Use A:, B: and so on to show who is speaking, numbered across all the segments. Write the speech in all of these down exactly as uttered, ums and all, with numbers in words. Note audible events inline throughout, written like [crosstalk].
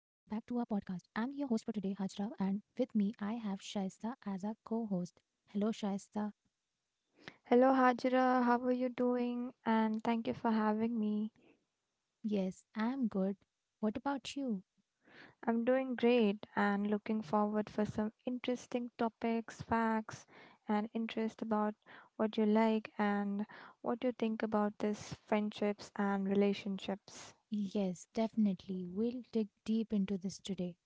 A: I'm your host for today, Hajra, and with me I have Shaista as our co host. Hello, Shaista.
B: Hello, Hajra. How are you doing? And thank you for having me.
A: Yes, I'm good. What about you?
B: I'm doing great and looking forward for some interesting topics, facts, and interest about what you like and what you think about this friendships and relationships.
A: Yes, definitely. We'll dig deep into this today.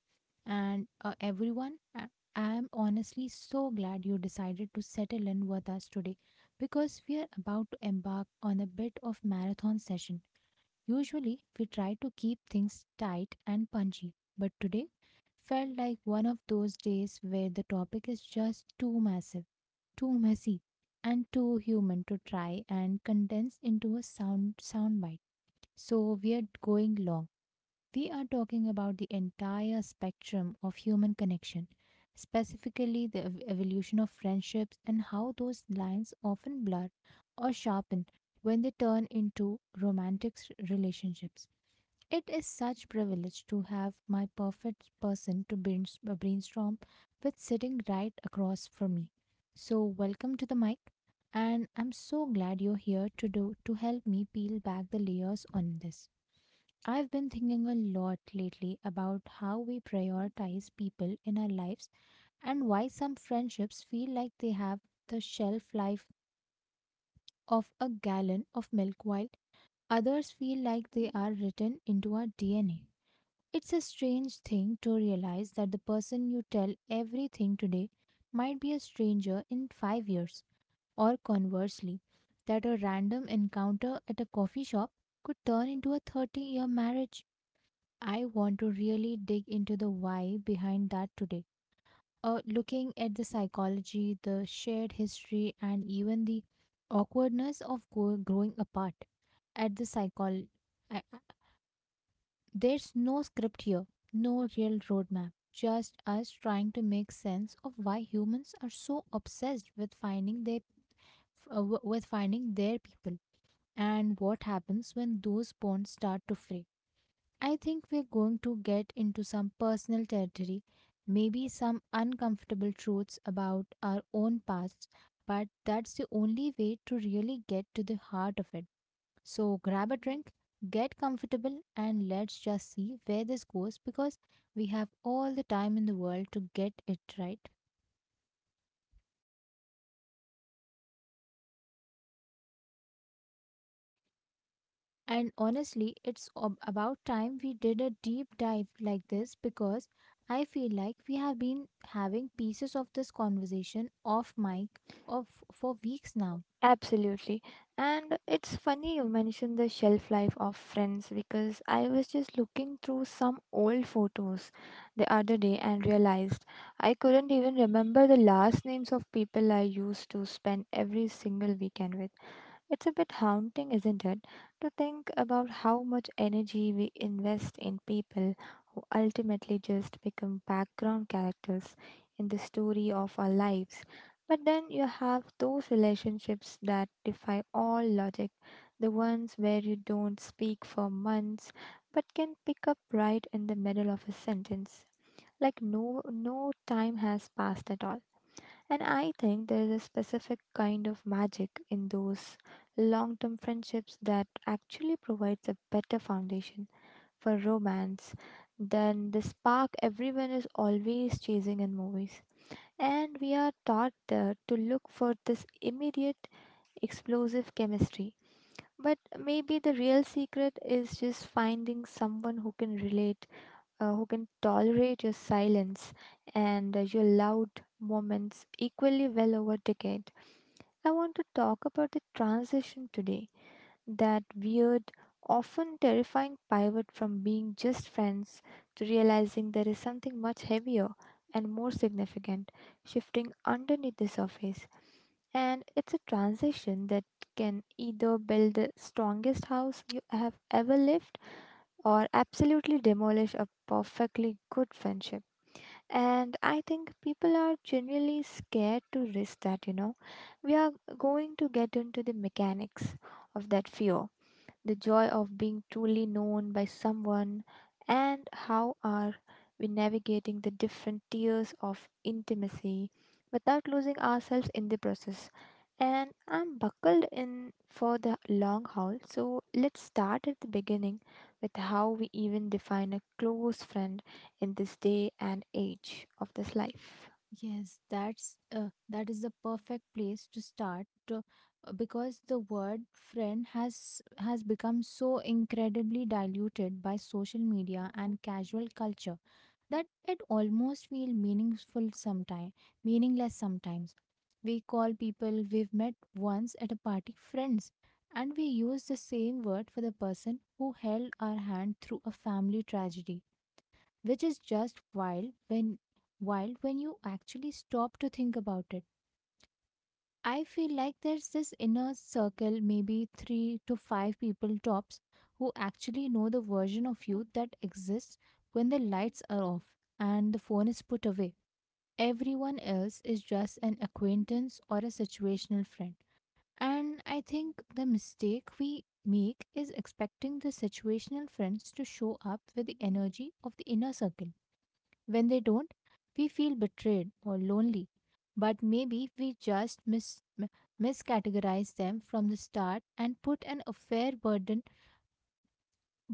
A: And uh, everyone, I- I'm honestly so glad you decided to settle in with us today because we are about to embark on a bit of marathon session. Usually, we try to keep things tight and punchy, but today felt like one of those days where the topic is just too massive, too messy, and too human to try and condense into a sound soundbite. So we are going long, we are talking about the entire spectrum of human connection, specifically the ev- evolution of friendships and how those lines often blur or sharpen when they turn into romantic s- relationships. It is such privilege to have my perfect person to brains- uh, brainstorm with sitting right across from me. So welcome to the mic, and I'm so glad you're here to do to help me peel back the layers on this. I've been thinking a lot lately about how we prioritize people in our lives and why some friendships feel like they have the shelf life of a gallon of milk while others feel like they are written into our D N A. It's a strange thing to realize that the person you tell everything today might be a stranger in five years, or conversely, that a random encounter at a coffee shop could turn into a thirty year marriage. I want to really dig into the why behind that today. Uh, looking at the psychology, the shared history, and even the awkwardness of go- growing apart. At the psychol, I, I- There's no script here, no real roadmap. Just us trying to make sense of why humans are so obsessed with finding their f- uh, w- with finding their people, and what happens when those bonds start to fray. I think we're going to get into some personal territory, maybe some uncomfortable truths about our own pasts, but that's the only way to really get to the heart of it. So grab a drink, get comfortable, and let's just see where this goes because we have all the time in the world to get it right. And honestly, it's ob- about time we did a deep dive like this because I feel like we have been having pieces of this conversation off mic of for weeks now.
B: Absolutely. And it's funny you mentioned the shelf life of friends because I was just looking through some old photos the other day and realized I couldn't even remember the last names of people I used to spend every single weekend with. It's a bit haunting, isn't it, to think about how much energy we invest in people who ultimately just become background characters in the story of our lives. But then you have those relationships that defy all logic, the ones where you don't speak for months but can pick up right in the middle of a sentence, like no, no time has passed at all. And I think there is a specific kind of magic in those long term friendships that actually provides a better foundation for romance than the spark everyone is always chasing in movies. And we are taught uh, to look for this immediate, explosive chemistry. But maybe the real secret is just finding someone who can relate, uh, who can tolerate your silence and uh, your loud moments equally well over decade. I want to talk about the transition today, that weird, often terrifying pivot from being just friends to realizing there is something much heavier and more significant shifting underneath the surface. And it's a transition that can either build the strongest house you have ever lived or absolutely demolish a perfectly good friendship. And I think people are generally scared to risk that, you know. We are going to get into the mechanics of that fear, the joy of being truly known by someone, and how are we navigating the different tiers of intimacy without losing ourselves in the process. And I'm buckled in for the long haul, so let's start at the beginning with how we even define a close friend in this day and age of this life.
A: Yes, that's uh, that is the perfect place to start to, uh, because the word friend has has become so incredibly diluted by social media and casual culture that it almost feel meaningful sometimes, meaningless sometimes. We call people we've met once at a party friends, and we use the same word for the person who held our hand through a family tragedy, which is just wild when wild when you actually stop to think about it. I feel like there's this inner circle, maybe three to five people tops, who actually know the version of you that exists when the lights are off and the phone is put away. Everyone else is just an acquaintance or a situational friend. And I think the mistake we make is expecting the situational friends to show up with the energy of the inner circle. When they don't, we feel betrayed or lonely. But maybe we just mis- m- miscategorize them from the start and put an unfair burden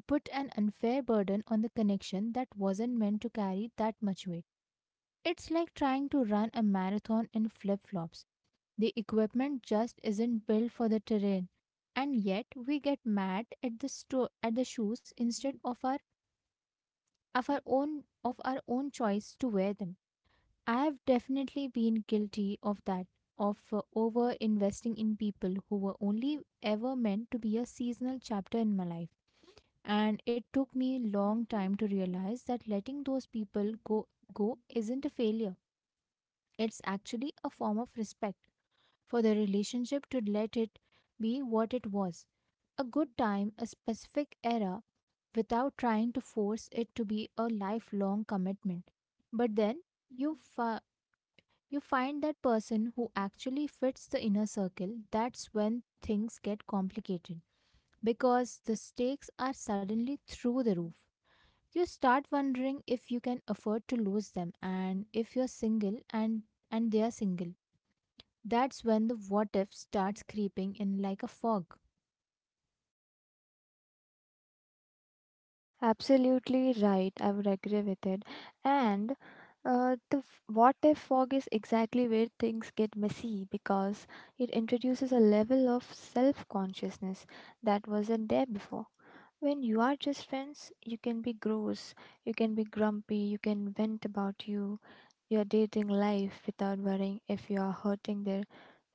A: put an unfair burden on the connection that wasn't meant to carry that much weight. It's like trying to run a marathon in flip-flops. The equipment just isn't built for the terrain, and yet we get mad at the sto- at the shoes instead of our of our own of our own choice to wear them. I've definitely been guilty of that, of uh, over investing in people who were only ever meant to be a seasonal chapter in my life. And it took me a long time to realize that letting those people go go isn't a failure. It's actually a form of respect for the relationship to let it be what it was. A good time, a specific era, without trying to force it to be a lifelong commitment. But then you fi- you find that person who actually fits the inner circle, that's when things get complicated because the stakes are suddenly through the roof. You start wondering if you can afford to lose them and if you're single and and they're single. That's when the what if starts creeping in like a fog.
B: Absolutely right. I would agree with it. And uh, the f- what if fog is exactly where things get messy because it introduces a level of self consciousness that wasn't there before. When you are just friends, you can be gross, you can be grumpy, you can vent about you, your dating life without worrying if you are hurting their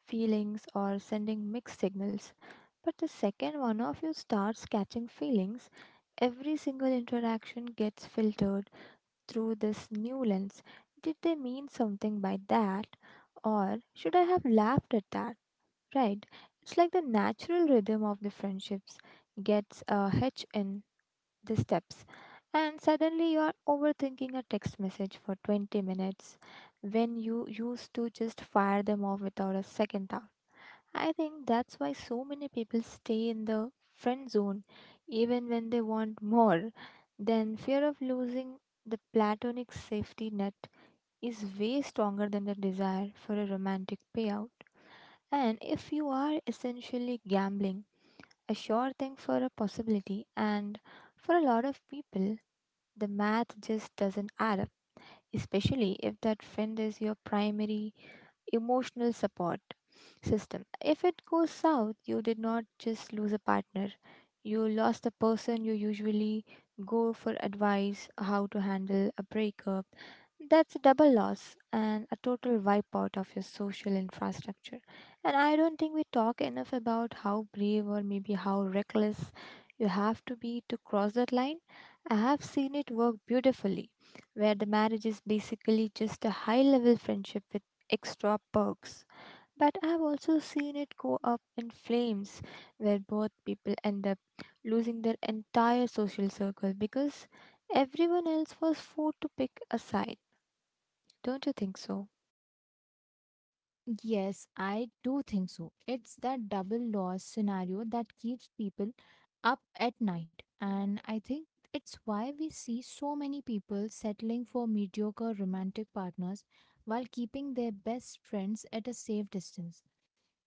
B: feelings or sending mixed signals. But the second one of you starts catching feelings, every single interaction gets filtered through this new lens. Did they mean something by that? Or should I have laughed at that? Right? It's like the natural rhythm of the friendships gets a hitch in the steps. And suddenly you are overthinking a text message for twenty minutes when you used to just fire them off without a second. I think that's why so many people stay in the friend zone even when they want more. Then fear of losing the platonic safety net is way stronger than the desire for a romantic payout. And if you are essentially gambling, a sure thing for a possibility, and for a lot of people, the math just doesn't add up, especially if that friend is your primary emotional support system. If it goes south, you did not just lose a partner, you lost the person you usually go for advice how to handle a breakup. That's a double loss and a total wipeout of your social infrastructure. And I don't think we talk enough about how brave or maybe how reckless you have to be to cross that line. I have seen it work beautifully, where the marriage is basically just a high level friendship with extra perks. But I've also seen it go up in flames where both people end up losing their entire social circle because everyone else was forced to pick a side. Don't you think so?
A: Yes, I do think so. It's that double loss scenario that keeps people up at night. And I think it's why we see so many people settling for mediocre romantic partners while keeping their best friends at a safe distance.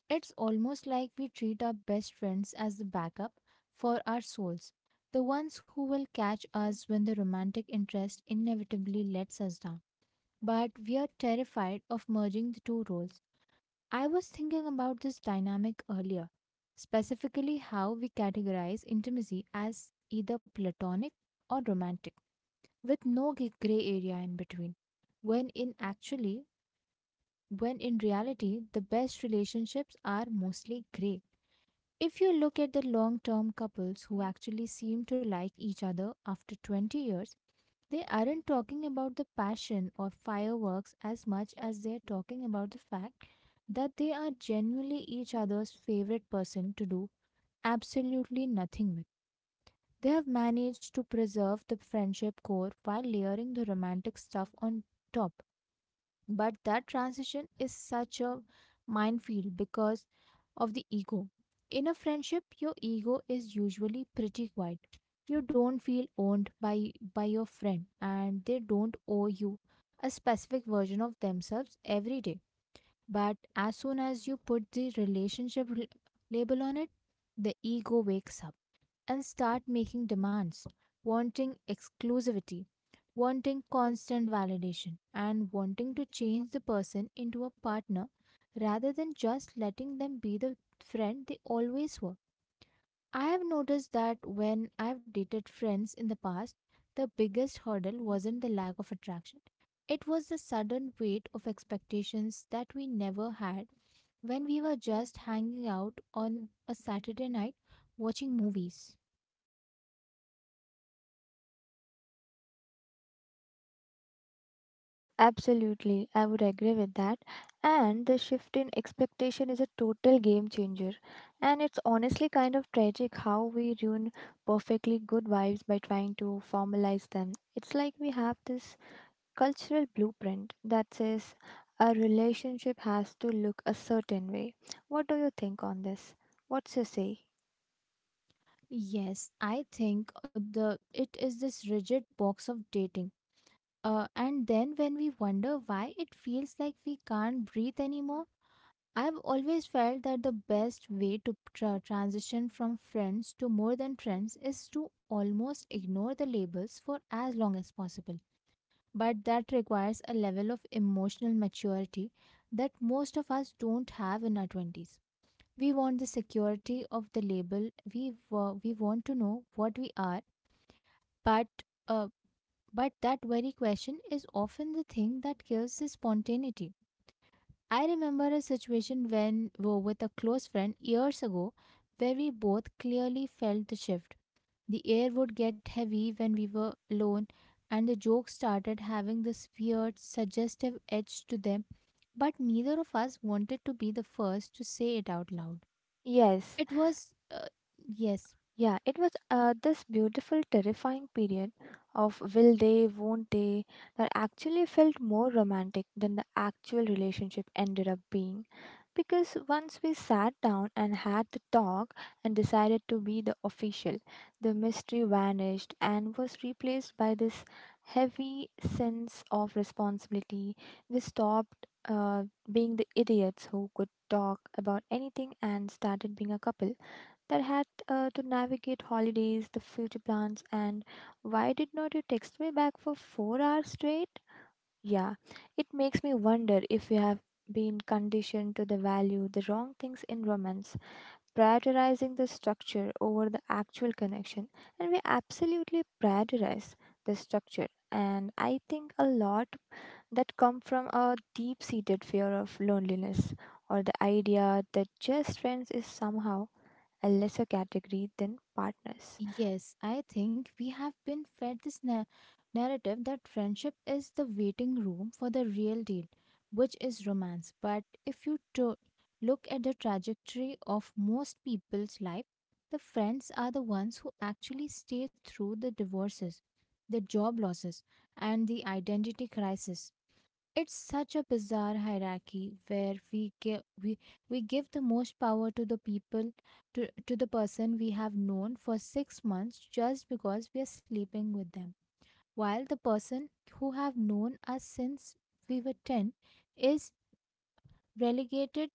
A: It's almost like we treat our best friends as the backup for our souls, the ones who will catch us when the romantic interest inevitably lets us down. But we are terrified of merging the two roles. I was thinking about this dynamic earlier, specifically how we categorize intimacy as either platonic or romantic, with no g- gray area in between. When in actually, when in reality, the best relationships are mostly gray. If you look at the long term couples who actually seem to like each other after twenty years, they aren't talking about the passion or fireworks as much as they're talking about the fact that they are genuinely each other's favorite person to do absolutely nothing with. They have managed to preserve the friendship core while layering the romantic stuff on top, but that transition is such a minefield because of the ego. In a friendship, your ego is usually pretty quiet. You don't feel owned by, by your friend, and they don't owe you a specific version of themselves every day. But as soon as you put the relationship l- label on it, the ego wakes up and start making demands, wanting exclusivity, wanting constant validation, and wanting to change the person into a partner rather than just letting them be the friend they always were. I have noticed that when I've dated friends in the past, the biggest hurdle wasn't the lack of attraction. It was the sudden weight of expectations that we never had when we were just hanging out on a Saturday night watching movies.
B: Absolutely, I would agree with that. And the shift in expectation is a total game changer. And it's honestly kind of tragic how we ruin perfectly good vibes by trying to formalize them. It's like we have this cultural blueprint that says a relationship has to look a certain way. What do you think on this? What's your say?
A: Yes, I think the it is this rigid box of dating. Uh, and then when we wonder why it feels like we can't breathe anymore, I've always felt that the best way to tra- transition from friends to more than friends is to almost ignore the labels for as long as possible. But that requires a level of emotional maturity that most of us don't have in our twenties. We want the security of the label, we, wa- we want to know what we are, but, uh, but that very question is often the thing that kills the spontaneity. I remember a situation when we were with a close friend years ago where we both clearly felt the shift. The air would get heavy when we were alone, and the jokes started having this weird, suggestive edge to them, but neither of us wanted to be the first to say it out loud.
B: Yes,
A: It was, uh, yes,
B: yeah, it was uh, this beautiful, terrifying period of will they, won't they that actually felt more romantic than the actual relationship ended up being. Because once we sat down and had the talk and decided to be the official, the mystery vanished and was replaced by this heavy sense of responsibility. We stopped uh, being the idiots who could talk about anything and started being a couple that had uh, to navigate holidays, the future plans, and why did not you text me back for four hours straight? Yeah, it makes me wonder if we have been conditioned to the value the wrong things in romance, prioritizing the structure over the actual connection, and we absolutely prioritize the structure. And I think a lot that come from a deep-seated fear of loneliness or the idea that just friends is somehow a lesser category than partners.
A: Yes, I think we have been fed this na- narrative that friendship is the waiting room for the real deal, which is romance. But if you to- look at the trajectory of most people's life, the friends are the ones who actually stay through the divorces, the job losses, and the identity crisis. It's such a bizarre hierarchy where we give we, we give the most power to the people to, to the person we have known for six months just because we are sleeping with them, while the person who have known us since we were ten is relegated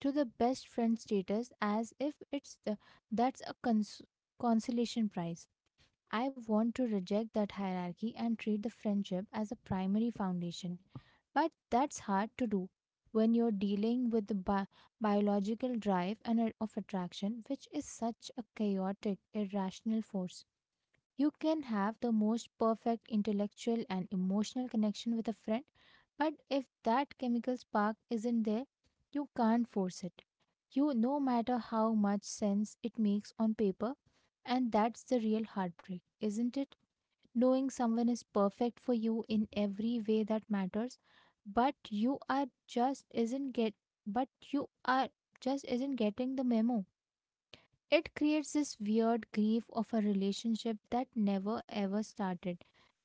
A: to the best friend status as if it's the, that's a cons- consolation prize. I want to reject that hierarchy and treat the friendship as a primary foundation. But that's hard to do when you're dealing with the bi- biological drive and a- of attraction, which is such a chaotic, irrational force. You can have the most perfect intellectual and emotional connection with a friend, but if that chemical spark isn't there, you can't force it. You no matter how much sense it makes on paper, and that's the real heartbreak, isn't it? Knowing someone is perfect for you in every way that matters, but you are just isn't get but you are just isn't getting the memo. It creates this weird grief of a relationship that never ever started,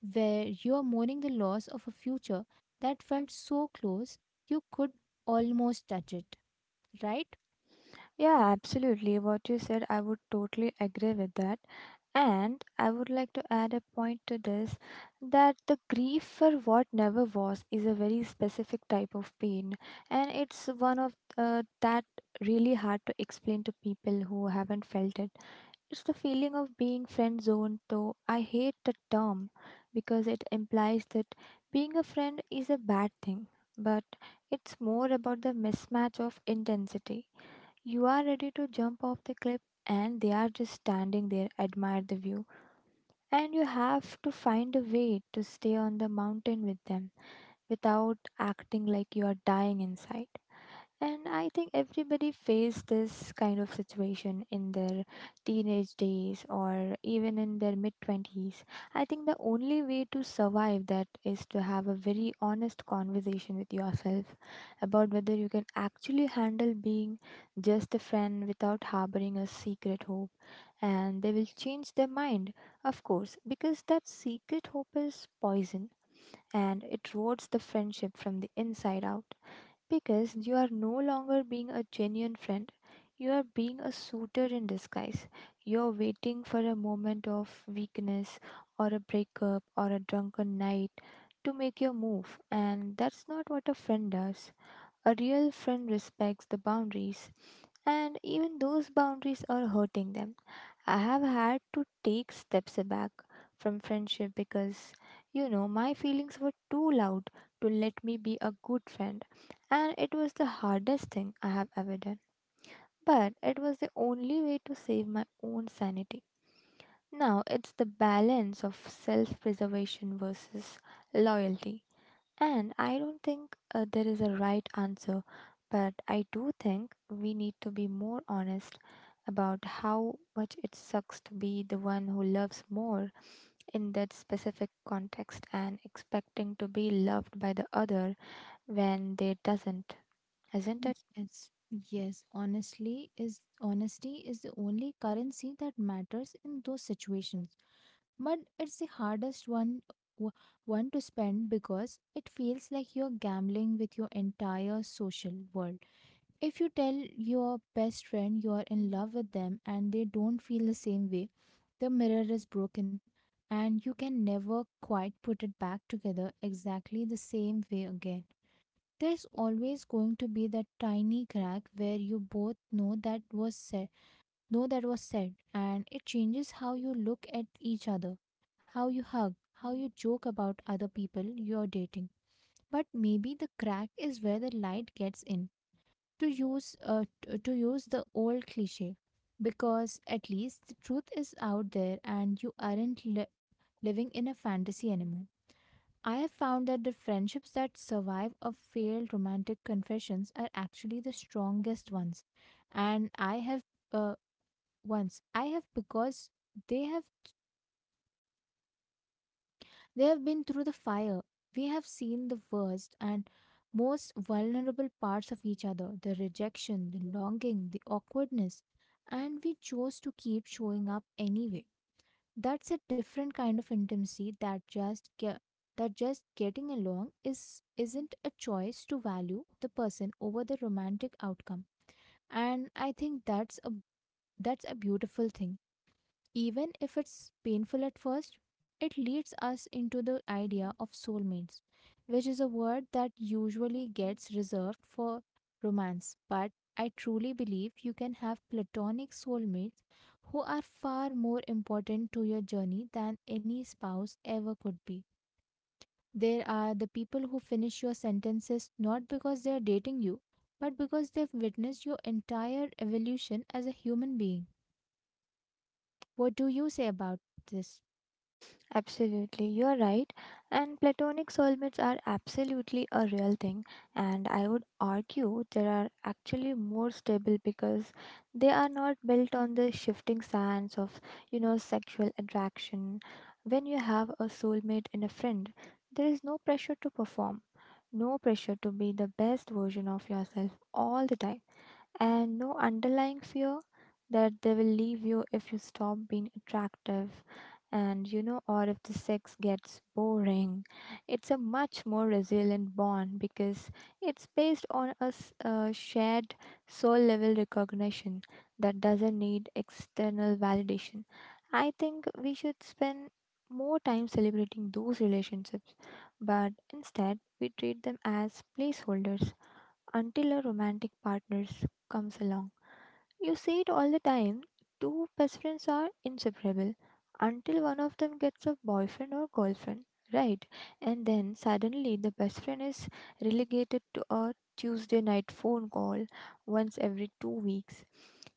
A: where you are mourning the loss of a future that felt so close you could almost touch it, right?
B: Yeah, absolutely. What you said, I would totally agree with that. And I would like to add a point to this that the grief for what never was is a very specific type of pain, and it's one of, uh, that really hard to explain to people who haven't felt it. It's the feeling of being friend zoned, though I hate the term because it implies that being a friend is a bad thing, but it's more about the mismatch of intensity. You are ready to jump off the cliff, and they are just standing there, admire the view. And you have to find a way to stay on the mountain with them without acting like you are dying inside. And I think everybody faced this kind of situation in their teenage days or even in their mid twenties. I think the only way to survive that is to have a very honest conversation with yourself about whether you can actually handle being just a friend without harboring a secret hope. And they will change their mind, of course, because that secret hope is poison and it rots the friendship from the inside out. Because you are no longer being a genuine friend, you are being a suitor in disguise. You're waiting for a moment of weakness or a breakup or a drunken night to make your move, and that's not what a friend does. A real friend respects the boundaries, and even those boundaries are hurting them. I have had to take steps back from friendship because, you know, my feelings were too loud to let me be a good friend. And it was the hardest thing I have ever done. But it was the only way to save my own sanity. Now it's the balance of self preservation versus loyalty. And I don't think uh, there is a right answer, but I do think we need to be more honest about how much it sucks to be the one who loves more in that specific context and expecting to be loved by the other when they doesn't, isn't it?
A: Yes, yes, honestly is honesty is the only currency that matters in those situations. But it's the hardest one w- one to spend because it feels like you're gambling with your entire social world. If you tell your best friend you are in love with them and they don't feel the same way, the mirror is broken and you can never quite put it back together exactly the same way again. There's always going to be that tiny crack where you both know that was said, know that was said, and it changes how you look at each other, how you hug, how you joke about other people you're dating. But maybe the crack is where the light gets in to use uh, t- to use the old cliche, because at least the truth is out there and you aren't li- living in a fantasy anymore. I have found that the friendships that survive a failed romantic confessions are actually the strongest ones, and I have uh, once I have because they have they have been through the fire. We have seen the worst and most vulnerable parts of each other, the rejection, the longing, the awkwardness. And we chose to keep showing up anyway. That's a different kind of intimacy that just ge- that just getting along is isn't, a choice to value the person over the romantic outcome. And I think that's a that's a beautiful thing. Even if it's painful at first, it leads us into the idea of soulmates, which is a word that usually gets reserved for romance. But I truly believe you can have platonic soulmates who are far more important to your journey than any spouse ever could be. There are the people who finish your sentences not because they are dating you, but because they've witnessed your entire evolution as a human being. What do you say about this?
B: Absolutely, you're right. And platonic soulmates are absolutely a real thing. And I would argue there are actually more stable because they are not built on the shifting sands of, you know, sexual attraction. When you have a soulmate in a friend, there is no pressure to perform, no pressure to be the best version of yourself all the time, and no underlying fear that they will leave you if you stop being attractive, and you know, or if the sex gets boring. It's a much more resilient bond because it's based on a s- a shared soul level recognition that doesn't need external validation. I think we should spend more time celebrating those relationships, but instead we treat them as placeholders until a romantic partner comes along. You see it all the time. Two best friends are inseparable until one of them gets a boyfriend or girlfriend, right? And then suddenly the best friend is relegated to a Tuesday night phone call once every two weeks.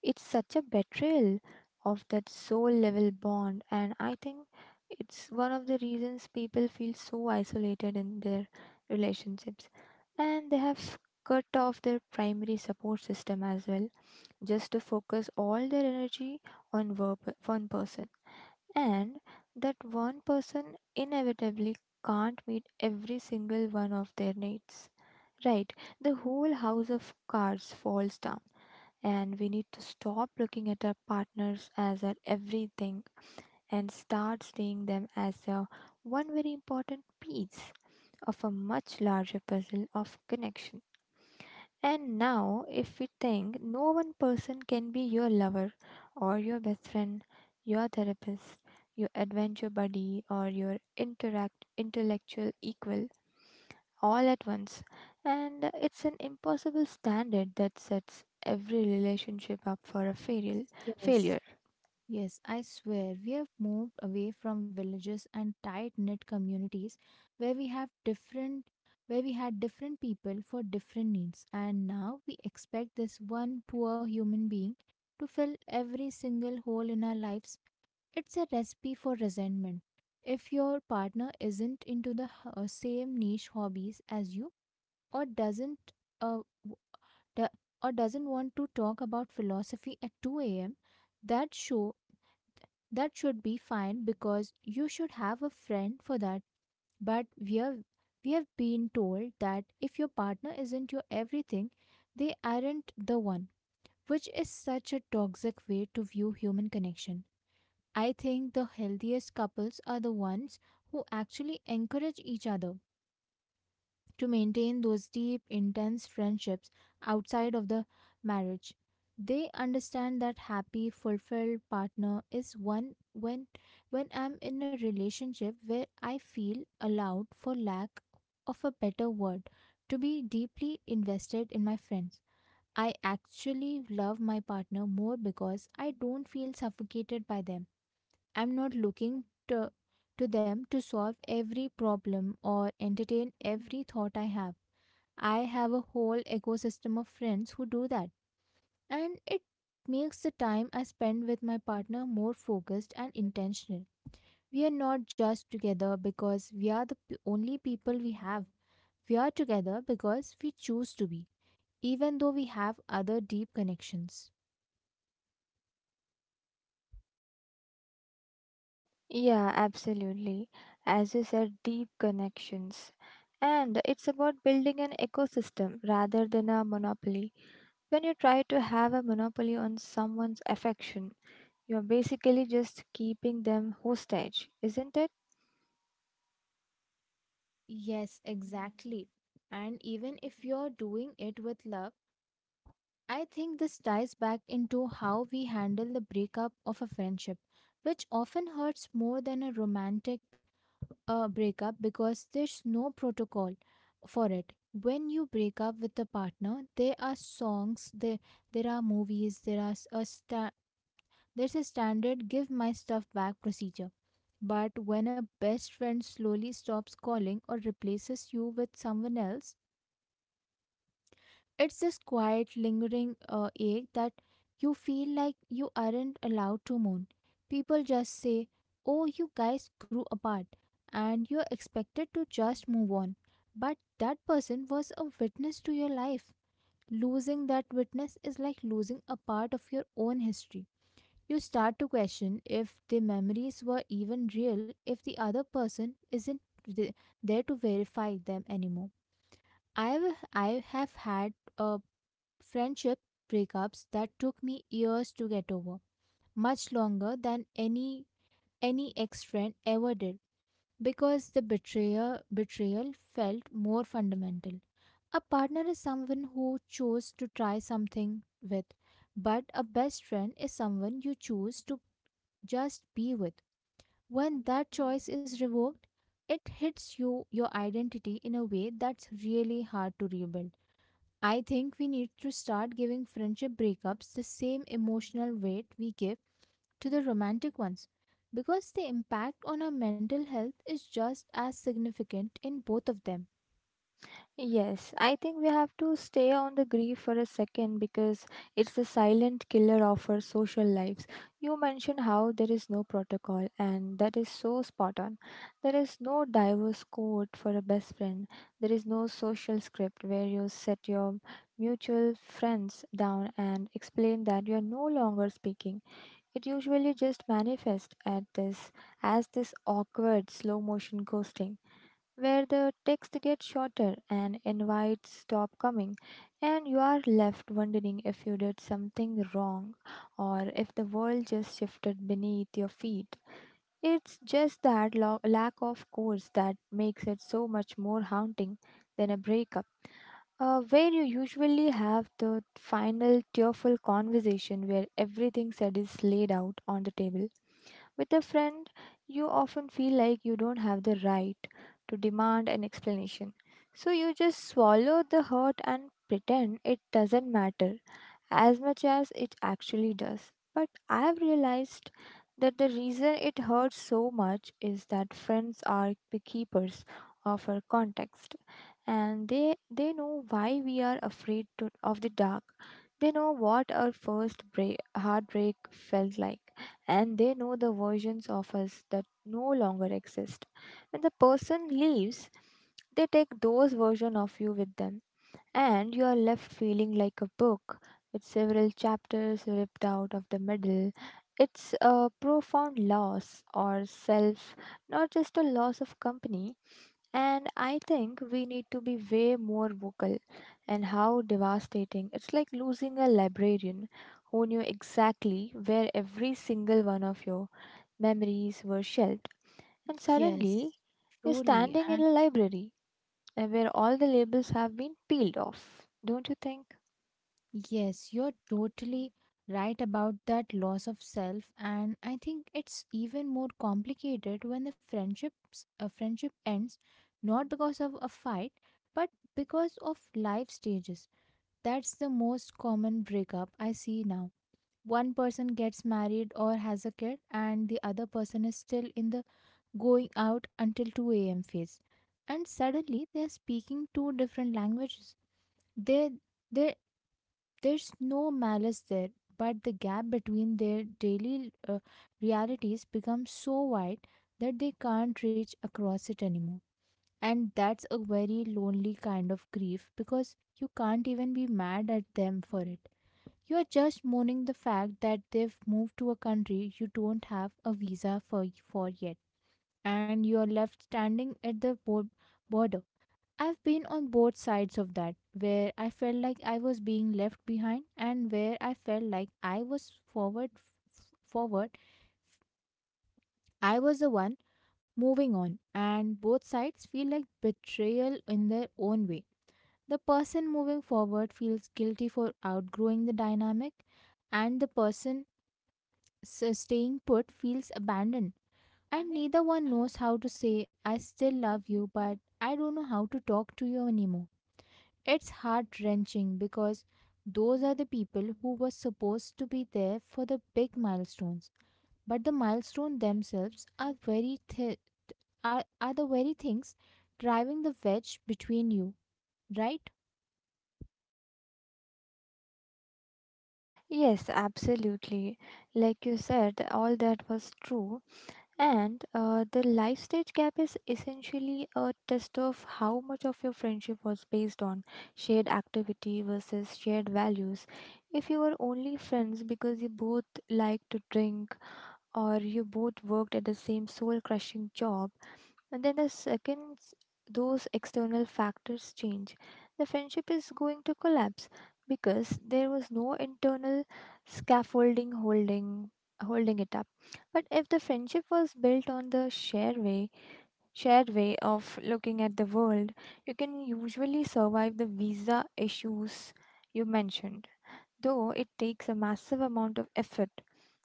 B: It's such a betrayal of that soul level bond, and I think it's one of the reasons people feel so isolated in their relationships. And they have cut off their primary support system as well, just to focus all their energy on verb- one person. And that one person inevitably can't meet every single one of their needs. Right, the whole house of cards falls down and we need to stop looking at our partners as our everything and start seeing them as a one very important piece of a much larger puzzle of connection. And now, if we think no one person can be your lover or your best friend, your therapist, your adventure buddy, or your interact intellectual equal, all at once. And uh, it's an impossible standard that sets every relationship up for a fail- failure.
A: Yes, yes, I swear we have moved away from villages and tight-knit communities where we have different where we had different people for different needs, and now we expect this one poor human being to fill every single hole in our lives. It's a recipe for resentment. If your partner isn't into the h- uh, same niche hobbies as you, or doesn't, uh, w- do- or doesn't want to talk about philosophy at two a m, that show that should be fine because you should have a friend for that. But we have we have been told that if your partner isn't your everything, they aren't the one, which is such a toxic way to view human connection. I think the healthiest couples are the ones who actually encourage each other to maintain those deep, intense friendships outside of the marriage. They understand that happy, fulfilled partner is one when when I'm in a relationship where I feel allowed, for lack of a better word, to be deeply invested in my friends. I actually love my partner more because I don't feel suffocated by them. I'm not looking to, to them to solve every problem or entertain every thought I have. I have a whole ecosystem of friends who do that, and it makes the time I spend with my partner more focused and intentional. We are not just together because we are the p- only people we have. We are together because we choose to be, even though we have other deep connections.
B: Yeah, absolutely. As you said, deep connections. And it's about building an ecosystem rather than a monopoly. When you try to have a monopoly on someone's affection, you're basically just keeping them hostage, isn't it?
A: Yes, exactly. And even if you're doing it with love, I think this ties back into how we handle the breakup of a friendship, which often hurts more than a romantic a breakup, because there's no protocol for it. When you break up with a partner, there are songs, there there are movies, there are s- a sta- there's a standard give my stuff back procedure. But when a best friend slowly stops calling or replaces you with someone else, it's this quiet, lingering uh, ache that you feel like you aren't allowed to mourn. People just say, "Oh, you guys grew apart," and you're expected to just move on. But that person was a witness to your life. Losing that witness is like losing a part of your own history. You start to question if the memories were even real if the other person isn't th- there to verify them anymore. I've, I have had a friendship breakups that took me years to get over, much longer than any any ex-friend ever did, because the betrayer betrayal felt more fundamental. A partner is someone who chose to try something with, but a best friend is someone you choose to just be with. When that choice is revoked, it hits you your identity in a way that's really hard to rebuild. I think we need to start giving friendship breakups the same emotional weight we give to the romantic ones, because the impact on our mental health is just as significant in both of them.
B: Yes, I think we have to stay on the grief for a second, because it's the silent killer of our social lives. You mentioned how there is no protocol, and that is so spot on. There is no diverse code for a best friend, there is no social script where you set your mutual friends down and explain that you are no longer speaking. It usually just manifests at this as this awkward slow motion ghosting, where the text gets shorter and invites stop coming, and you are left wondering if you did something wrong or if the world just shifted beneath your feet. It's just that lo- lack of course that makes it so much more haunting than a breakup. Uh, where you usually have the final tearful conversation where everything said is laid out on the table, with a friend, you often feel like you don't have the right to demand an explanation. So you just swallow the hurt and pretend it doesn't matter as much as it actually does. But I have realized that the reason it hurts so much is that friends are the keepers of our context, and they they know why we are afraid to, of the dark. They know what our first break, heartbreak felt like, and they know the versions of us that no longer exist. When the person leaves, they take those version of you with them, and you are left feeling like a book with several chapters ripped out of the middle. It's a profound loss or self, not just a loss of company. And I think we need to be way more vocal and how devastating. It's like losing a librarian who knew exactly where every single one of your memories were shelved. And
A: Yes.
B: suddenly, you're
A: Truly.
B: standing
A: And
B: in a library, uh, where all the labels have been peeled off. Don't you think?
A: yes, you're totally right about that loss of self, and I think it's even more complicated when the friendships a friendship ends not because of a fight, but because of life stages. That's the most common breakup I see now. One person gets married or has a kid, and the other person is still in the going out until two a m phase. And suddenly they are speaking two different languages. There, there, there's no malice there, but the gap between their daily uh, realities becomes so wide that they can't reach across it anymore. And that's a very lonely kind of grief, because you can't even be mad at them for it. You're just mourning the fact that they've moved to a country you don't have a visa for, for yet, and you're left standing at the bo- border. I've been on both sides of that, where I felt like I was being left behind, and where I felt like I was forward, forward. I was the one moving on, and both sides feel like betrayal in their own way. The person moving forward feels guilty for outgrowing the dynamic, and the person So staying put feels abandoned, and neither one knows how to say, "I still love you, but I don't know how to talk to you anymore." It's heart wrenching because those are the people who were supposed to be there for the big milestones, but the milestones themselves are very thi- are, are the very things driving the wedge between you, right?
B: Yes, absolutely. Like you said, all that was true. And uh, the life stage gap is essentially a test of how much of your friendship was based on shared activity versus shared values. If you were only friends because you both liked to drink or you both worked at the same soul crushing job, and then the second, s- those external factors change. The friendship is going to collapse because there was no internal scaffolding holding holding it up. But if the friendship was built on the shared way, shared way of looking at the world, you can usually survive the visa issues you mentioned. Though it takes a massive amount of effort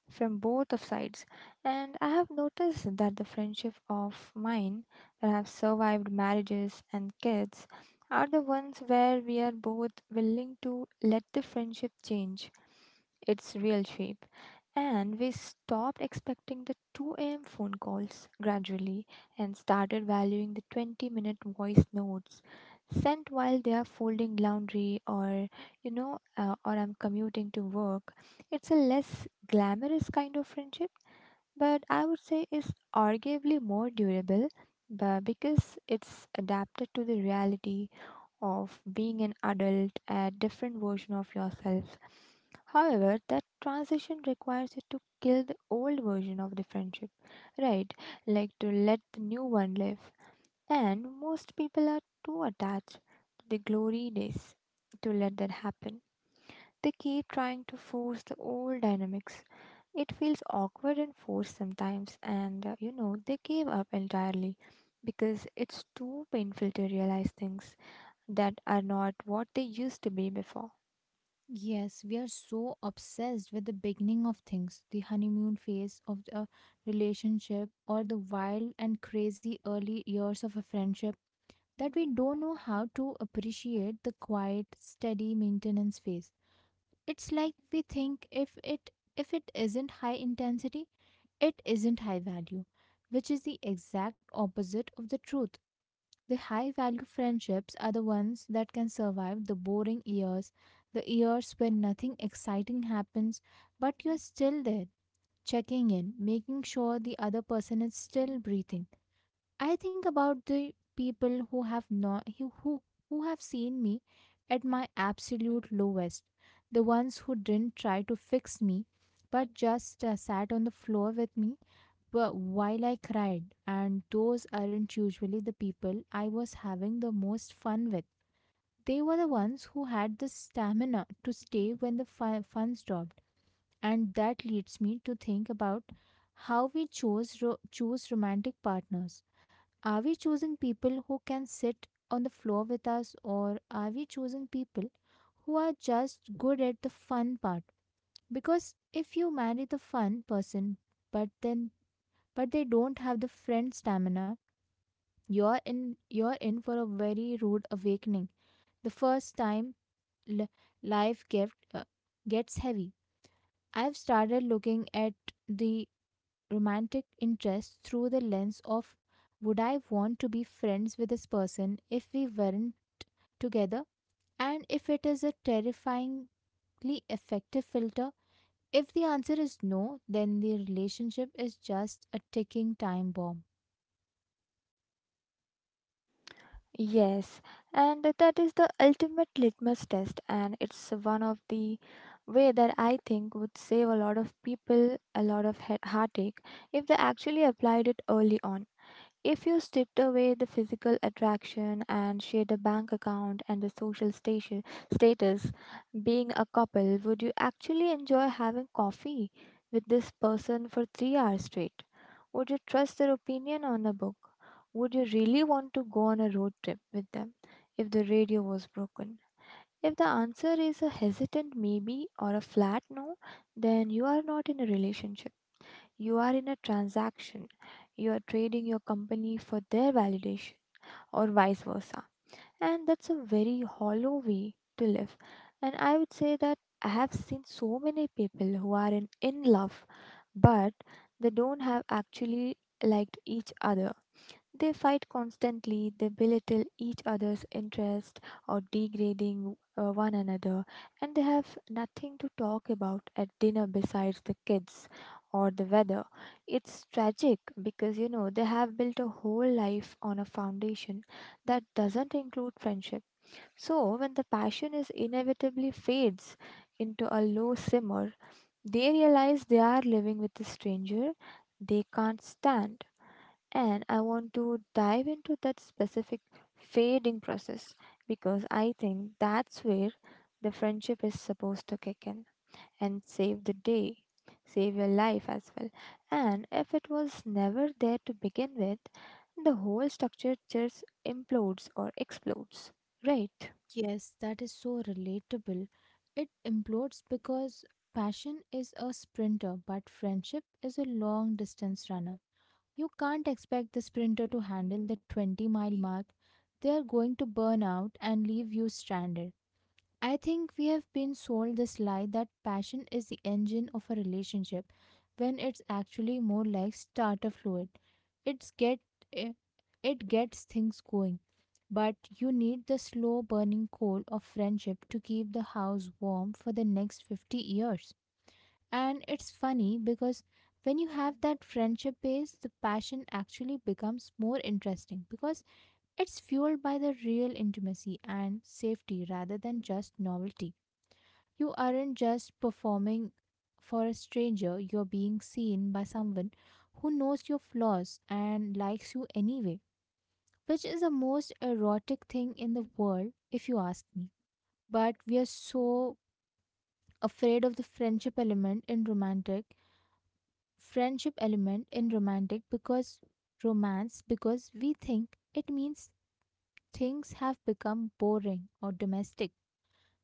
B: from both of sides, and I have noticed that the friendship of mine that have survived marriages and kids are the ones where we are both willing to let the friendship change its real shape, and we stopped expecting the two a m phone calls gradually and started valuing the twenty minute voice notes sent while they are folding laundry, or you know uh, or I'm commuting to work. It's a less glamorous kind of friendship, but I would say is arguably more durable, but because it's adapted to the reality of being an adult, a different version of yourself. However, that transition requires you to kill the old version of the friendship, right? Like to let the new one live. And most people are too attached to the glory days to let that happen. They keep trying to force the old dynamics. It feels awkward and forced sometimes, and uh, you know, they gave up entirely because it's too painful to realize things that are not what they used to be before.
A: Yes, we are so obsessed with the beginning of things, the honeymoon phase of a relationship, or the wild and crazy early years of a friendship, that we don't know how to appreciate the quiet, steady maintenance phase. It's like we think if it if it isn't high intensity, it isn't high value, which is the exact opposite of the truth. The high value friendships are the ones that can survive the boring years, the years when nothing exciting happens, but you're still there, checking in, making sure the other person is still breathing. I think about the people who have not who who who have seen me at my absolute lowest, the ones who didn't try to fix me, but just uh, sat on the floor with me but while I cried, and those aren't usually the people I was having the most fun with. They were the ones who had the stamina to stay when the fu- fun stopped. And that leads me to think about how we chose ro- choose romantic partners. Are we choosing people who can sit on the floor with us, or are we choosing people who are just good at the fun part? Because if you marry the fun person, but then but they don't have the friend stamina, you're in you're in for a very rude awakening. The first time li- life gift uh, gets heavy. I've started looking at the romantic interest through the lens of, would I want to be friends with this person if we weren't together? And if it is a terrifyingly effective filter. If the answer is no, then the relationship is just a ticking time bomb.
B: Yes, and that is the ultimate litmus test, and it's one of the way that I think would save a lot of people a lot of he- heartache if they actually applied it early on. If you stripped away the physical attraction and shared a bank account and the social station status, being a couple, would you actually enjoy having coffee with this person for three hours straight? Would you trust their opinion on a book? Would you really want to go on a road trip with them if the radio was broken? If the answer is a hesitant maybe or a flat no, then you are not in a relationship. You are in a transaction. You are trading your company for their validation or vice versa. And that's a very hollow way to live. And I would say that I have seen so many people who are in, in love, but they don't have actually liked each other. They fight constantly, they belittle each other's interest or degrading uh, one another, and they have nothing to talk about at dinner besides the kids or the weather. It's tragic because you know they have built a whole life on a foundation that doesn't include friendship. So, when the passion is inevitably fades into a low simmer, they realize they are living with a stranger they can't stand. And I want to dive into that specific fading process because I think that's where the friendship is supposed to kick in and save the day, save your life as well. And if it was never there to begin with, the whole structure just implodes or explodes, right?
A: Yes, that is so relatable. It implodes because passion is a sprinter, but friendship is a long distance runner. You can't expect the sprinter to handle the twenty mile mark. They are going to burn out and leave you stranded. I think we have been sold this lie that passion is the engine of a relationship when it's actually more like starter fluid. It's get eh, it gets things going, but you need the slow burning coal of friendship to keep the house warm for the next fifty years. And it's funny because when you have that friendship base, the passion actually becomes more interesting because it's fueled by the real intimacy and safety rather than just novelty. You aren't just performing for a stranger, you're being seen by someone who knows your flaws and likes you anyway, which is the most erotic thing in the world, if you ask me. But we are so afraid of the friendship element in romantic friendship element in romantic because romance because we think it means things have become boring or domestic.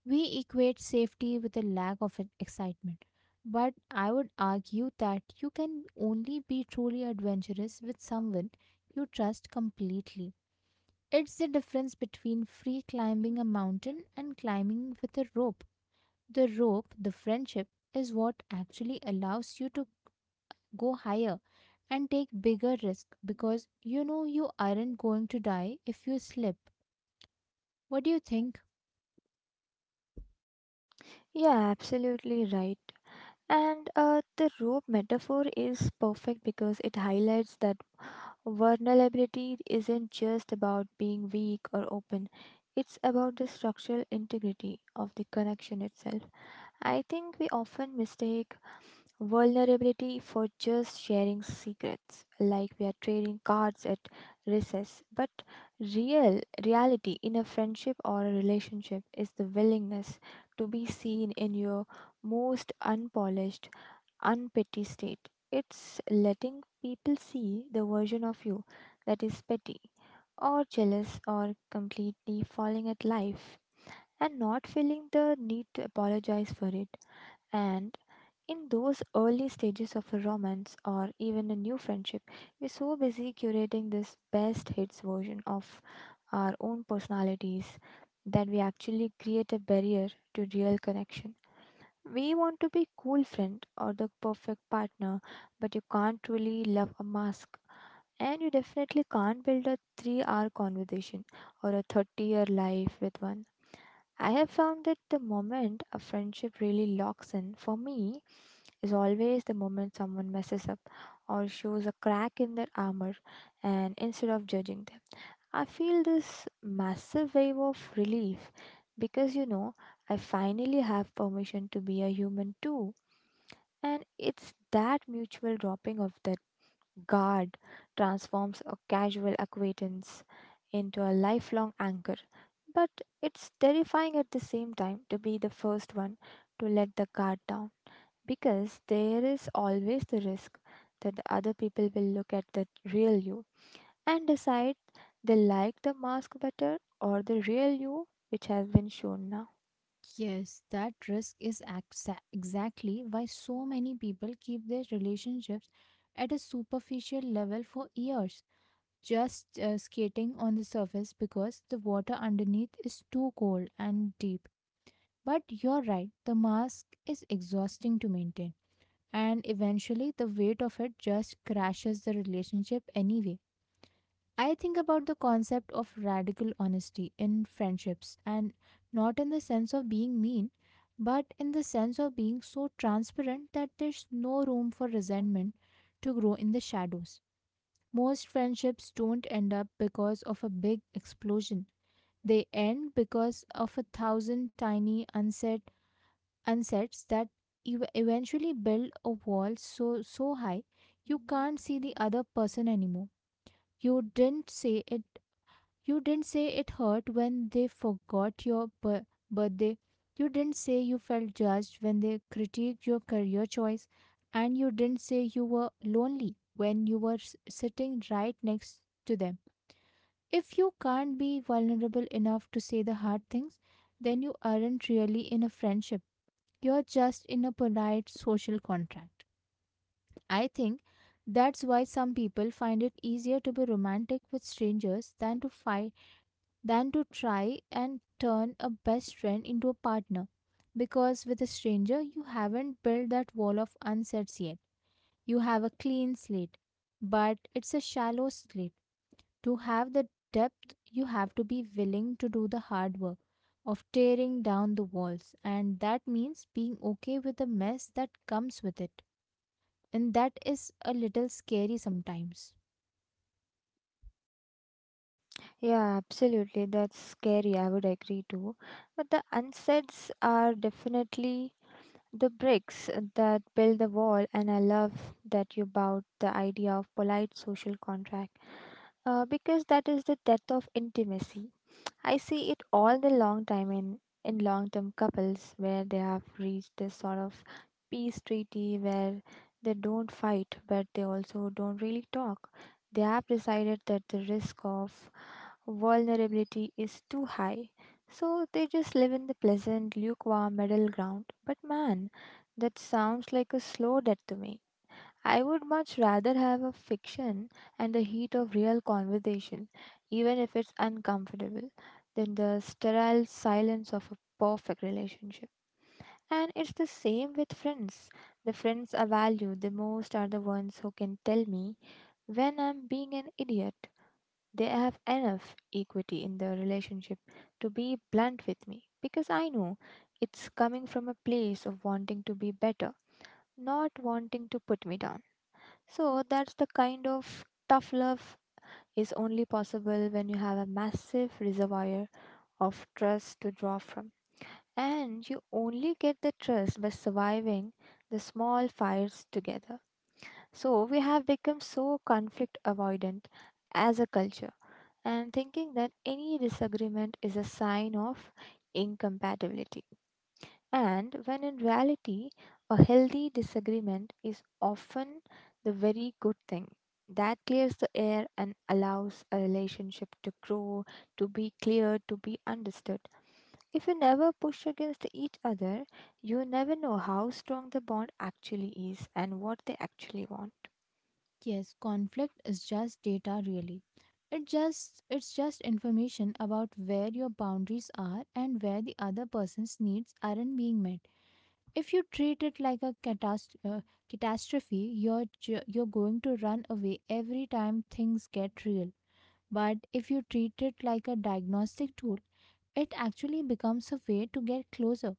A: We equate safety with a lack of e- excitement. But I would argue that you can only be truly adventurous with someone you trust completely. It's the difference between free climbing a mountain and climbing with a rope. The rope, the friendship, is what actually allows you to go higher and take bigger risk because you know you aren't going to die if you slip. What do you think?
B: Yeah, absolutely right. And uh, the rope metaphor is perfect because it highlights that vulnerability isn't just about being weak or open, it's about the structural integrity of the connection itself. I think we often mistake vulnerability for just sharing secrets, like we are trading cards at recess. But real reality in a friendship or a relationship is the willingness to be seen in your most unpolished unpetty state. It's letting people see the version of you that is petty or jealous or completely falling at life, and not feeling the need to apologize for it. And in those early stages of a romance or even a new friendship, we're so busy curating this best hits version of our own personalities that we actually create a barrier to real connection. We want to be cool friend or the perfect partner, but you can't really love a mask. And you definitely can't build a three hour conversation or a thirty year life with one. I have found that the moment a friendship really locks in for me is always the moment someone messes up or shows a crack in their armor, and instead of judging them, I feel this massive wave of relief because, you know, I finally have permission to be a human too. And it's that mutual dropping of that guard transforms a casual acquaintance into a lifelong anchor. But it's terrifying at the same time to be the first one to let the guard down, because there is always the risk that the other people will look at the real you and decide they like the mask better or the real you which has been shown now.
A: Yes, that risk is exa- exactly why so many people keep their relationships at a superficial level for years, just uh, skating on the surface because the water underneath is too cold and deep. But you're right, the mask is exhausting to maintain, and eventually the weight of it just crashes the relationship anyway. I think about the concept of radical honesty in friendships, and not in the sense of being mean, but in the sense of being so transparent that there's no room for resentment to grow in the shadows. Most friendships don't end up because of a big explosion; they end because of a thousand tiny unsaid unsets that ev- eventually build a wall so so high you can't see the other person anymore. you didn't say it you didn't say it hurt when they forgot your bir- birthday. You didn't say you felt judged when they critiqued your career choice. And you didn't say you were lonely when you were s- sitting right next to them. If you can't be vulnerable enough to say the hard things, then you aren't really in a friendship. You're just in a polite social contract. I think that's why some people find it easier to be romantic with strangers than to find than to try and turn a best friend into a partner. Because with a stranger, you haven't built that wall of unsets yet. You have a clean slate, but it's a shallow slate. To have the depth, you have to be willing to do the hard work of tearing down the walls, and that means being okay with the mess that comes with it. And that is a little scary sometimes.
B: Yeah, absolutely. That's scary. I would agree too. But the unsets are definitely the bricks that build the wall, and I love that you bought the idea of polite social contract, uh, because that is the death of intimacy. I see it all the long time in, in long term couples where they have reached this sort of peace treaty where they don't fight but they also don't really talk. They have decided that the risk of vulnerability is too high. So they just live in the pleasant, lukewarm middle ground. But man, that sounds like a slow death to me. I would much rather have a fiction and the heat of real conversation, even if it's uncomfortable, than the sterile silence of a perfect relationship. And it's the same with friends. The friends I value the most are the ones who can tell me when I'm being an idiot. They have enough equity in the relationship to be blunt with me because I know it's coming from a place of wanting to be better, not wanting to put me down. So that's the kind of tough love is only possible when you have a massive reservoir of trust to draw from. And you only get the trust by surviving the small fires together. So we have become so conflict avoidant as a culture, and thinking that any disagreement is a sign of incompatibility. And when in reality, a healthy disagreement is often the very good thing that clears the air and allows a relationship to grow, to be clear, to be understood. If you never push against each other, you never know how strong the bond actually is and what they actually want.
A: Yes, conflict is just data, really. It just it's just information about where your boundaries are and where the other person's needs aren't being met. If you treat it like a catast- uh, catastrophe, you're ju- you're going to run away every time things get real. But if you treat it like a diagnostic tool, it actually becomes a way to get closer.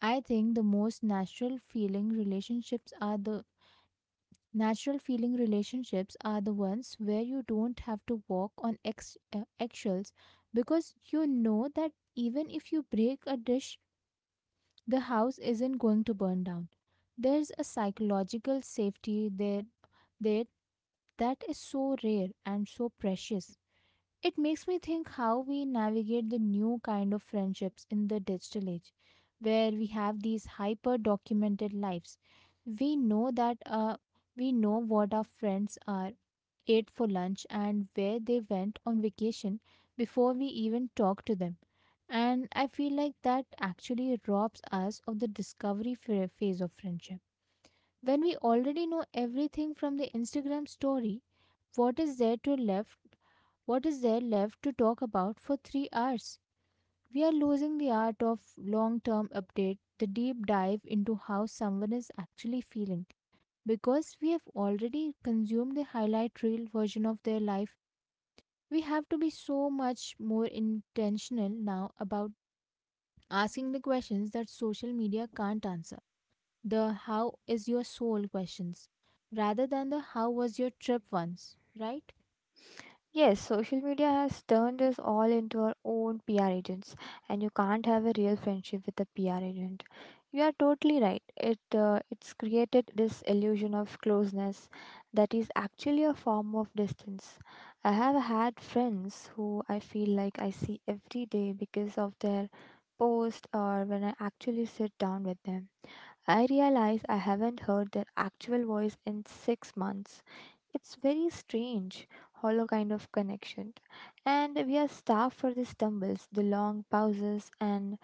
A: I think the most natural feeling relationships are the natural feeling relationships are the ones where you don't have to walk on ex- uh, eggshells, because you know that even if you break a dish, the house isn't going to burn down. There's a psychological safety there. there that is so rare and so precious. It makes me think how we navigate the new kind of friendships in the digital age, where we have these hyper documented lives. We know that uh, we know what our friends are ate for lunch and where they went on vacation before we even talk to them. And I feel like that actually robs us of the discovery ph- phase of friendship. When we already know everything from the Instagram story, what is there to left what is there left to talk about for three hours? We are losing the art of long-term update, the deep dive into how someone is actually feeling. Because we have already consumed the highlight reel version of their life, we have to be so much more intentional now about asking the questions that social media can't answer, the how is your soul questions rather than the how was your trip once, right?
B: Yes, social media has turned us all into our own P R agents, and you can't have a real friendship with a P R agent. You are totally right. It uh, it's created this illusion of closeness that is actually a form of distance. I have had friends who I feel like I see every day because of their post or when I actually sit down with them. I realize I haven't heard their actual voice in six months. It's very strange, hollow kind of connection. And we are starved for the stumbles, the long pauses, and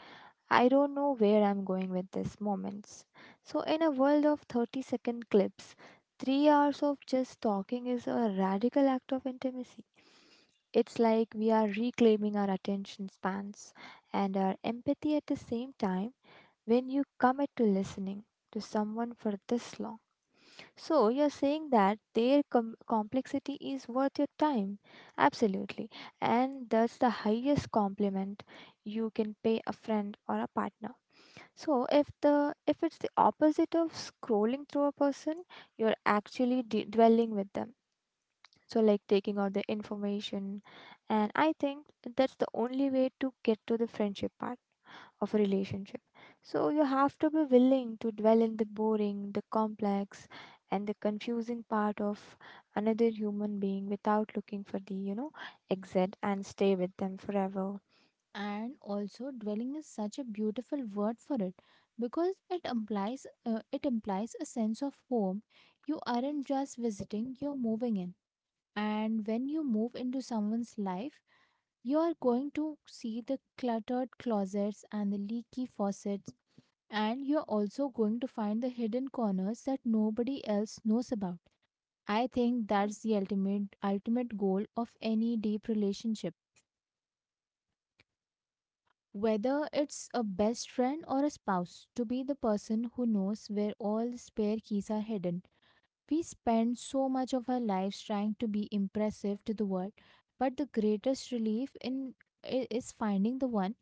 B: I don't know where I'm going with these moments. So, in a world of thirty second clips, three hours of just talking is a radical act of intimacy. It's like we are reclaiming our attention spans and our empathy at the same time when you commit to listening to someone for this long. So you're saying that their com- complexity is worth your time? Absolutely. And that's the highest compliment you can pay a friend or a partner. So if the if it's the opposite of scrolling through a person, you're actually de- dwelling with them. So like taking out the information, and I think that's the only way to get to the friendship part of a relationship. So you have to be willing to dwell in the boring, the complex, and the confusing part of another human being without looking for the, you know, exit and stay with them forever.
A: And also, dwelling is such a beautiful word for it, because it implies uh, it implies a sense of home. You aren't just visiting; you're moving in. And when you move into someone's life, you are going to see the cluttered closets and the leaky faucets, and you're also going to find the hidden corners that nobody else knows about. I think that's the ultimate ultimate goal of any deep relationship. Whether it's a best friend or a spouse, to be the person who knows where all the spare keys are hidden. We spend so much of our lives trying to be impressive to the world, but the greatest relief in I- is finding the one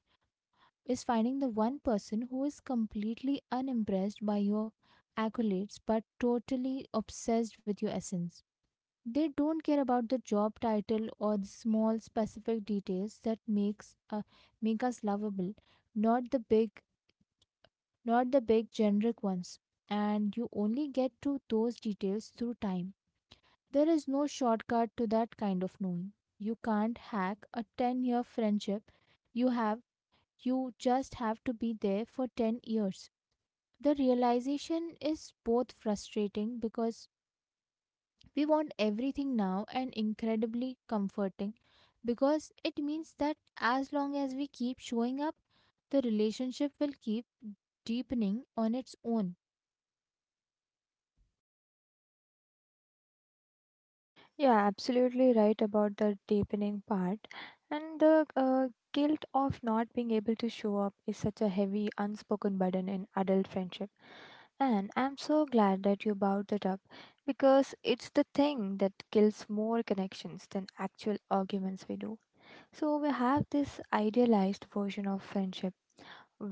A: is finding the one person who is completely unimpressed by your accolades but totally obsessed with your essence. They don't care about the job title, or the small specific details that makes uh, make us lovable, not the big not the big generic ones. And you only get to those details through time. There is no shortcut to that kind of knowing. You can't hack a ten year friendship. you have you just have to be there for ten years. The realization is both frustrating, because We want everything now, and incredibly comforting, because it means that as long as we keep showing up, the relationship will keep deepening on its own.
B: Yeah, absolutely right about the deepening part. And the uh, guilt of not being able to show up is such a heavy, unspoken burden in adult friendship. And I'm so glad that you brought that up because it's the thing that kills more connections than actual arguments we do. So we have this idealized version of friendship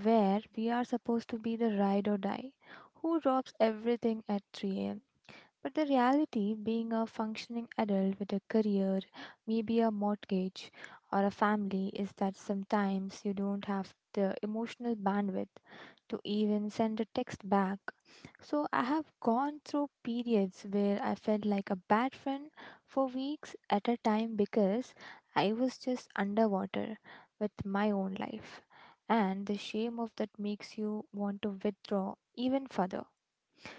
B: where we are supposed to be the ride or die who drops everything at three a m, but the reality being a functioning adult with a career, maybe a mortgage or a family, is that sometimes you don't have the emotional bandwidth to even send a text back. So I have gone through periods where I felt like a bad friend for weeks at a time because I was just underwater with my own life. And the shame of that makes you want to withdraw even further.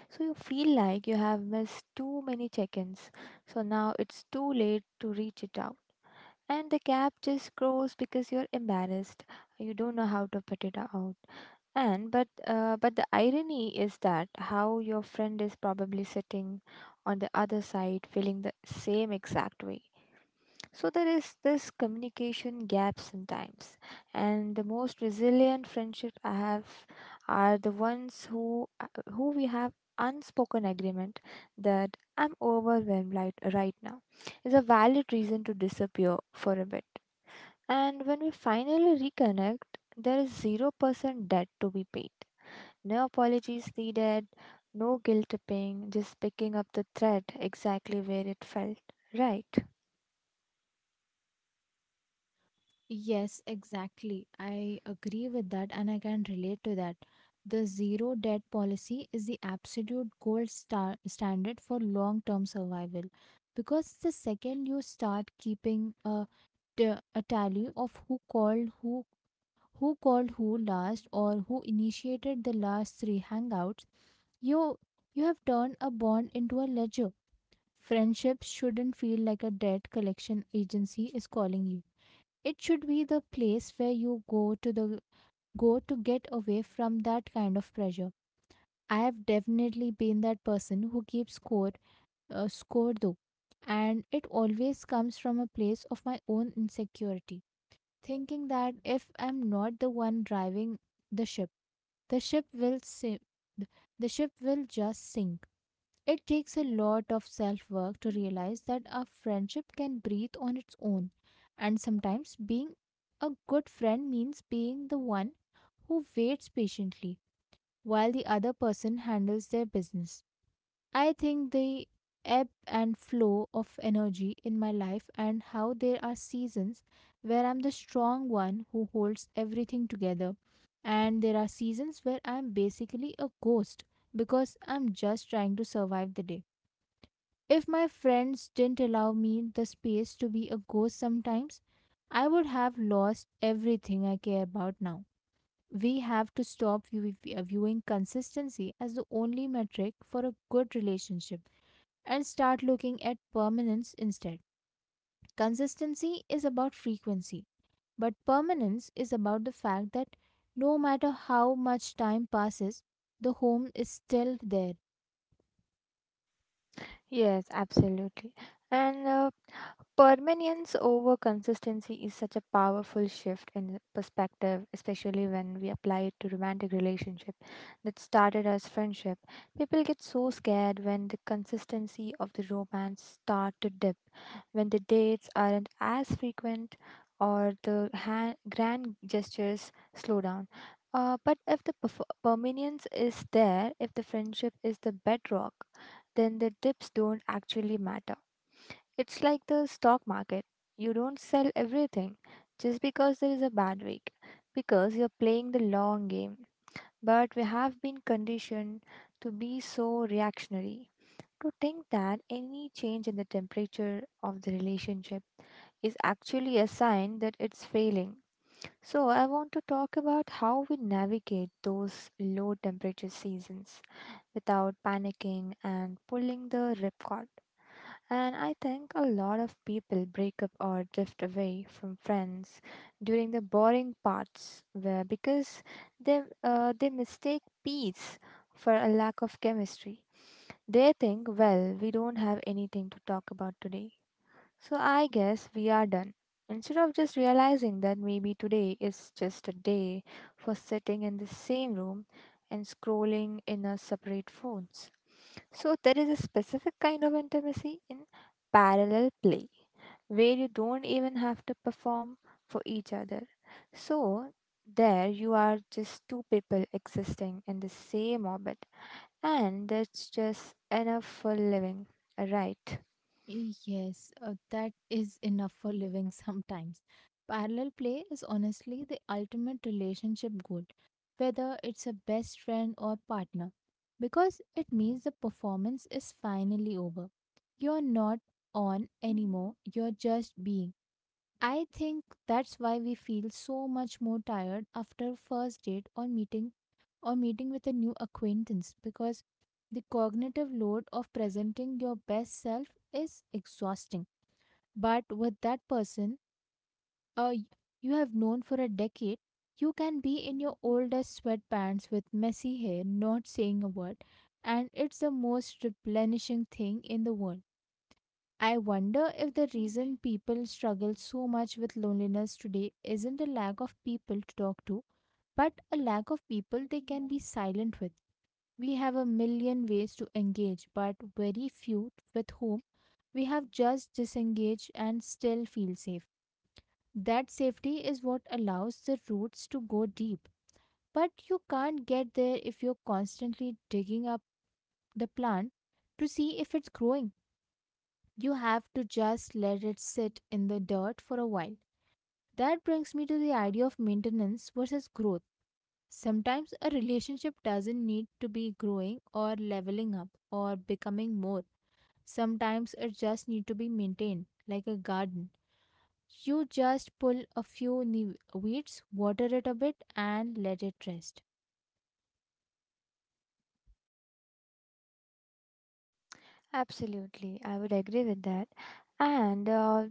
B: So you feel like you have missed too many check ins. So now it's too late to reach it out. And the gap just grows because you're embarrassed. You don't know how to put it out. And but uh, but the irony is that how your friend is probably sitting on the other side feeling the same exact way. So there is this communication gap sometimes, and the most resilient friendship I have are the ones who uh, who we have unspoken agreement that I'm overwhelmed right, right now is a valid reason to disappear for a bit. And when we finally reconnect, there is zero percent debt to be paid. No apologies needed, no guilt tripping, just picking up the thread exactly where it felt. Right.
A: Yes, exactly. I agree with that, and I can relate to that. The zero debt policy is the absolute gold star standard for long term survival, because the second you start keeping a, t- a tally of who called, who who called who last or who initiated the last three hangouts, you you have turned a bond into a ledger. Friendships shouldn't feel like a debt collection agency is calling you. It should be the place where you go to the go to get away from that kind of pressure. I have definitely been that person who keeps score uh, score though, and it always comes from a place of my own insecurity, thinking that if I'm not the one driving the ship, the ship will sink. The ship will just sink. It takes a lot of self work to realize that a friendship can breathe on its own, and sometimes being a good friend means being the one who waits patiently while the other person handles their business. I think the ebb and flow of energy in my life, and how there are seasons where I'm the strong one who holds everything together, and there are seasons where I'm basically a ghost because I'm just trying to survive the day. If my friends didn't allow me the space to be a ghost sometimes, I would have lost everything I care about now. We have to stop view- viewing consistency as the only metric for a good relationship and start looking at permanence instead. Consistency is about frequency, but permanence is about the fact that no matter how much time passes, the home is still there.
B: Yes, absolutely. And uh, permanence over consistency is such a powerful shift in perspective, especially when we apply it to romantic relationship that started as friendship. People get so scared when the consistency of the romance start to dip, when the dates aren't as frequent or the hand, grand gestures slow down. Uh, but if the perf- permanence is there, if the friendship is the bedrock, then the dips don't actually matter. It's like the stock market. You don't sell everything just because there is a bad week, because you're playing the long game. But we have been conditioned to be so reactionary, to think that any change in the temperature of the relationship is actually a sign that it's failing. So, I want to talk about how we navigate those low temperature seasons without panicking and pulling the ripcord. And I think a lot of people break up or drift away from friends during the boring parts where because they uh, they mistake peace for a lack of chemistry. They think, well, we don't have anything to talk about today, so I guess we are done. Instead of just realizing that maybe today is just a day for sitting in the same room and scrolling in our separate phones. So there is a specific kind of intimacy in parallel play where you don't even have to perform for each other. So there you are, just two people existing in the same orbit, and that's just enough for living, right?
A: Yes, uh, that is enough for living [laughs] sometimes. Parallel play is honestly the ultimate relationship goal, whether it's a best friend or partner, because it means the performance is finally over. You're not on anymore; you're just being. I think that's why we feel so much more tired after first date or meeting or meeting with a new acquaintance, because the cognitive load of presenting your best self is exhausting. But with that person uh, y- you have known for a decade, you can be in your oldest sweatpants with messy hair, not saying a word, and it's the most replenishing thing in the world. I wonder if the reason people struggle so much with loneliness today isn't a lack of people to talk to, but a lack of people they can be silent with. We have a million ways to engage, but very few with whom we have just disengaged and still feel safe. That safety is what allows the roots to go deep. But you can't get there if you're constantly digging up the plant to see if it's growing. You have to just let it sit in the dirt for a while. That brings me to the idea of maintenance versus growth. Sometimes a relationship doesn't need to be growing or leveling up or becoming more. Sometimes it just needs to be maintained, like a garden. You just pull a few ne- weeds, water it a bit, and let it rest.
B: Absolutely, I would agree with that. And uh,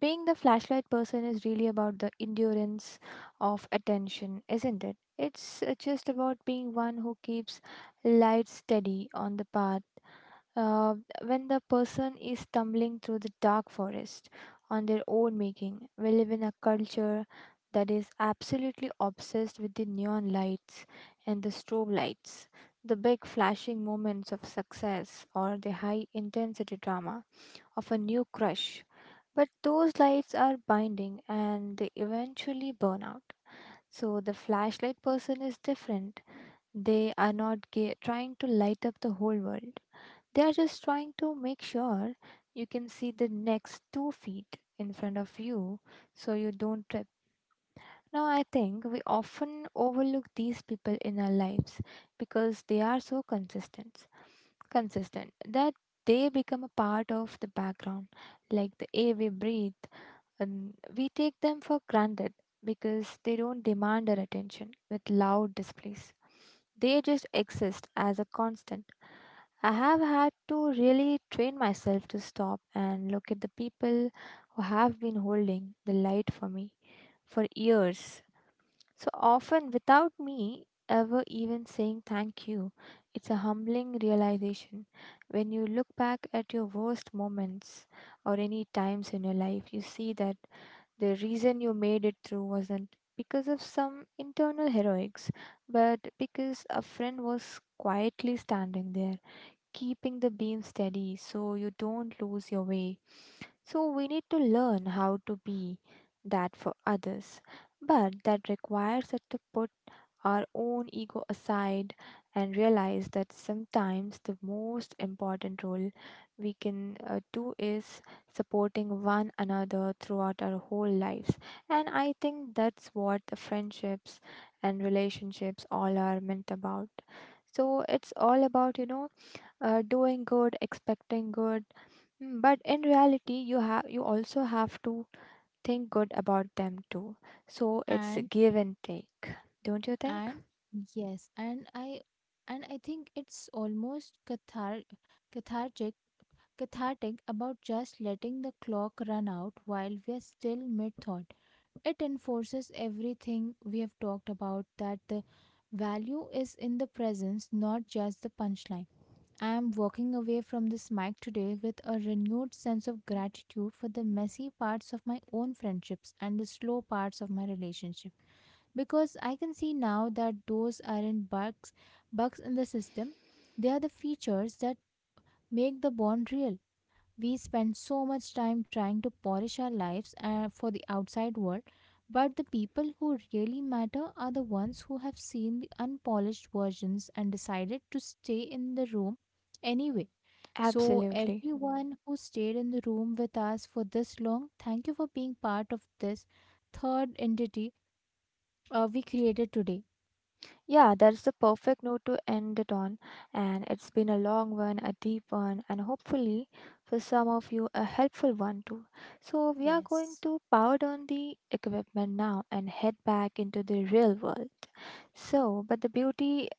B: being the flashlight person is really about the endurance of attention, isn't it? It's uh, just about being one who keeps light steady on the path uh, when the person is stumbling through the dark forest on their own making. We live in a culture that is absolutely obsessed with the neon lights and the strobe lights, the big flashing moments of success, or the high intensity drama of a new crush. But those lights are binding and they eventually burn out. So the flashlight person is different. They are not ga- trying to light up the whole world. They are just trying to make sure you can see the next two feet in front of you so you don't trip. Now, I think we often overlook these people in our lives because they are so consistent consistent that they become a part of the background, like the air we breathe, and we take them for granted because they don't demand our attention with loud displays. They just exist as a constant. I have had to really train myself to stop and look at the people who have been holding the light for me for years. So often, without me ever even saying thank you, it's a humbling realization. When you look back at your worst moments or any times in your life, you see that the reason you made it through wasn't because of some internal heroics, but because a friend was quietly standing there keeping the beam steady so you don't lose your way. So, we need to learn how to be that for others. But that requires us to put our own ego aside and realize that sometimes the most important role we can uh, do is supporting one another throughout our whole lives. And I think that's what the friendships and relationships all are meant about. So, it's all about, you know, uh, doing good, expecting good. Mm, but in reality, you have you also have to think good about them too. So it's a
A: And
B: give and take, don't you think?
A: and yes, and I and I think it's almost cathar- cathartic cathartic about just letting the clock run out while we are still mid thought. It enforces everything we have talked about, that the value is in the presence, not just the punchline. I am walking away from this mic today with a renewed sense of gratitude for the messy parts of my own friendships and the slow parts of my relationship, because I can see now that those aren't bugs bugs in the system. They are the features that make the bond real. We spend so much time trying to polish our lives uh, for the outside world, but the people who really matter are the ones who have seen the unpolished versions and decided to stay in the room anyway. So,
B: Absolutely.
A: everyone who stayed in the room with us for this long, thank you for being part of this third entity uh, we created today.
B: Yeah, that's the perfect note to end it on. And it's been a long one, a deep one, and hopefully for some of you a helpful one too. So we are going
A: Yes.
B: to power down the equipment now and head back into the real world. So, but the beauty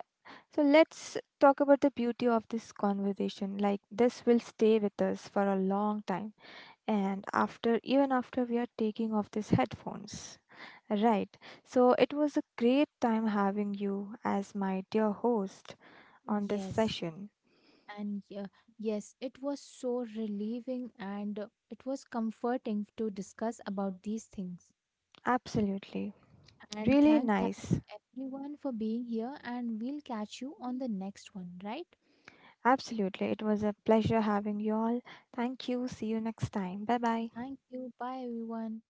B: So let's talk about the beauty of this conversation. Like this will stay with us for a long time, and after, even after we are taking off these headphones. Right. So it was a great time having you as my dear host on this
A: Yes.
B: session.
A: And yeah, yes, it was so relieving, and uh, it was comforting to discuss about these things.
B: Absolutely.
A: And
B: Really
A: thanks, thank you
B: nice.
A: everyone for being here. And we'll catch you on the next one, right?
B: Absolutely. It was a pleasure having you all. Thank you. See you next time. Bye bye.
A: Thank you. Bye, everyone.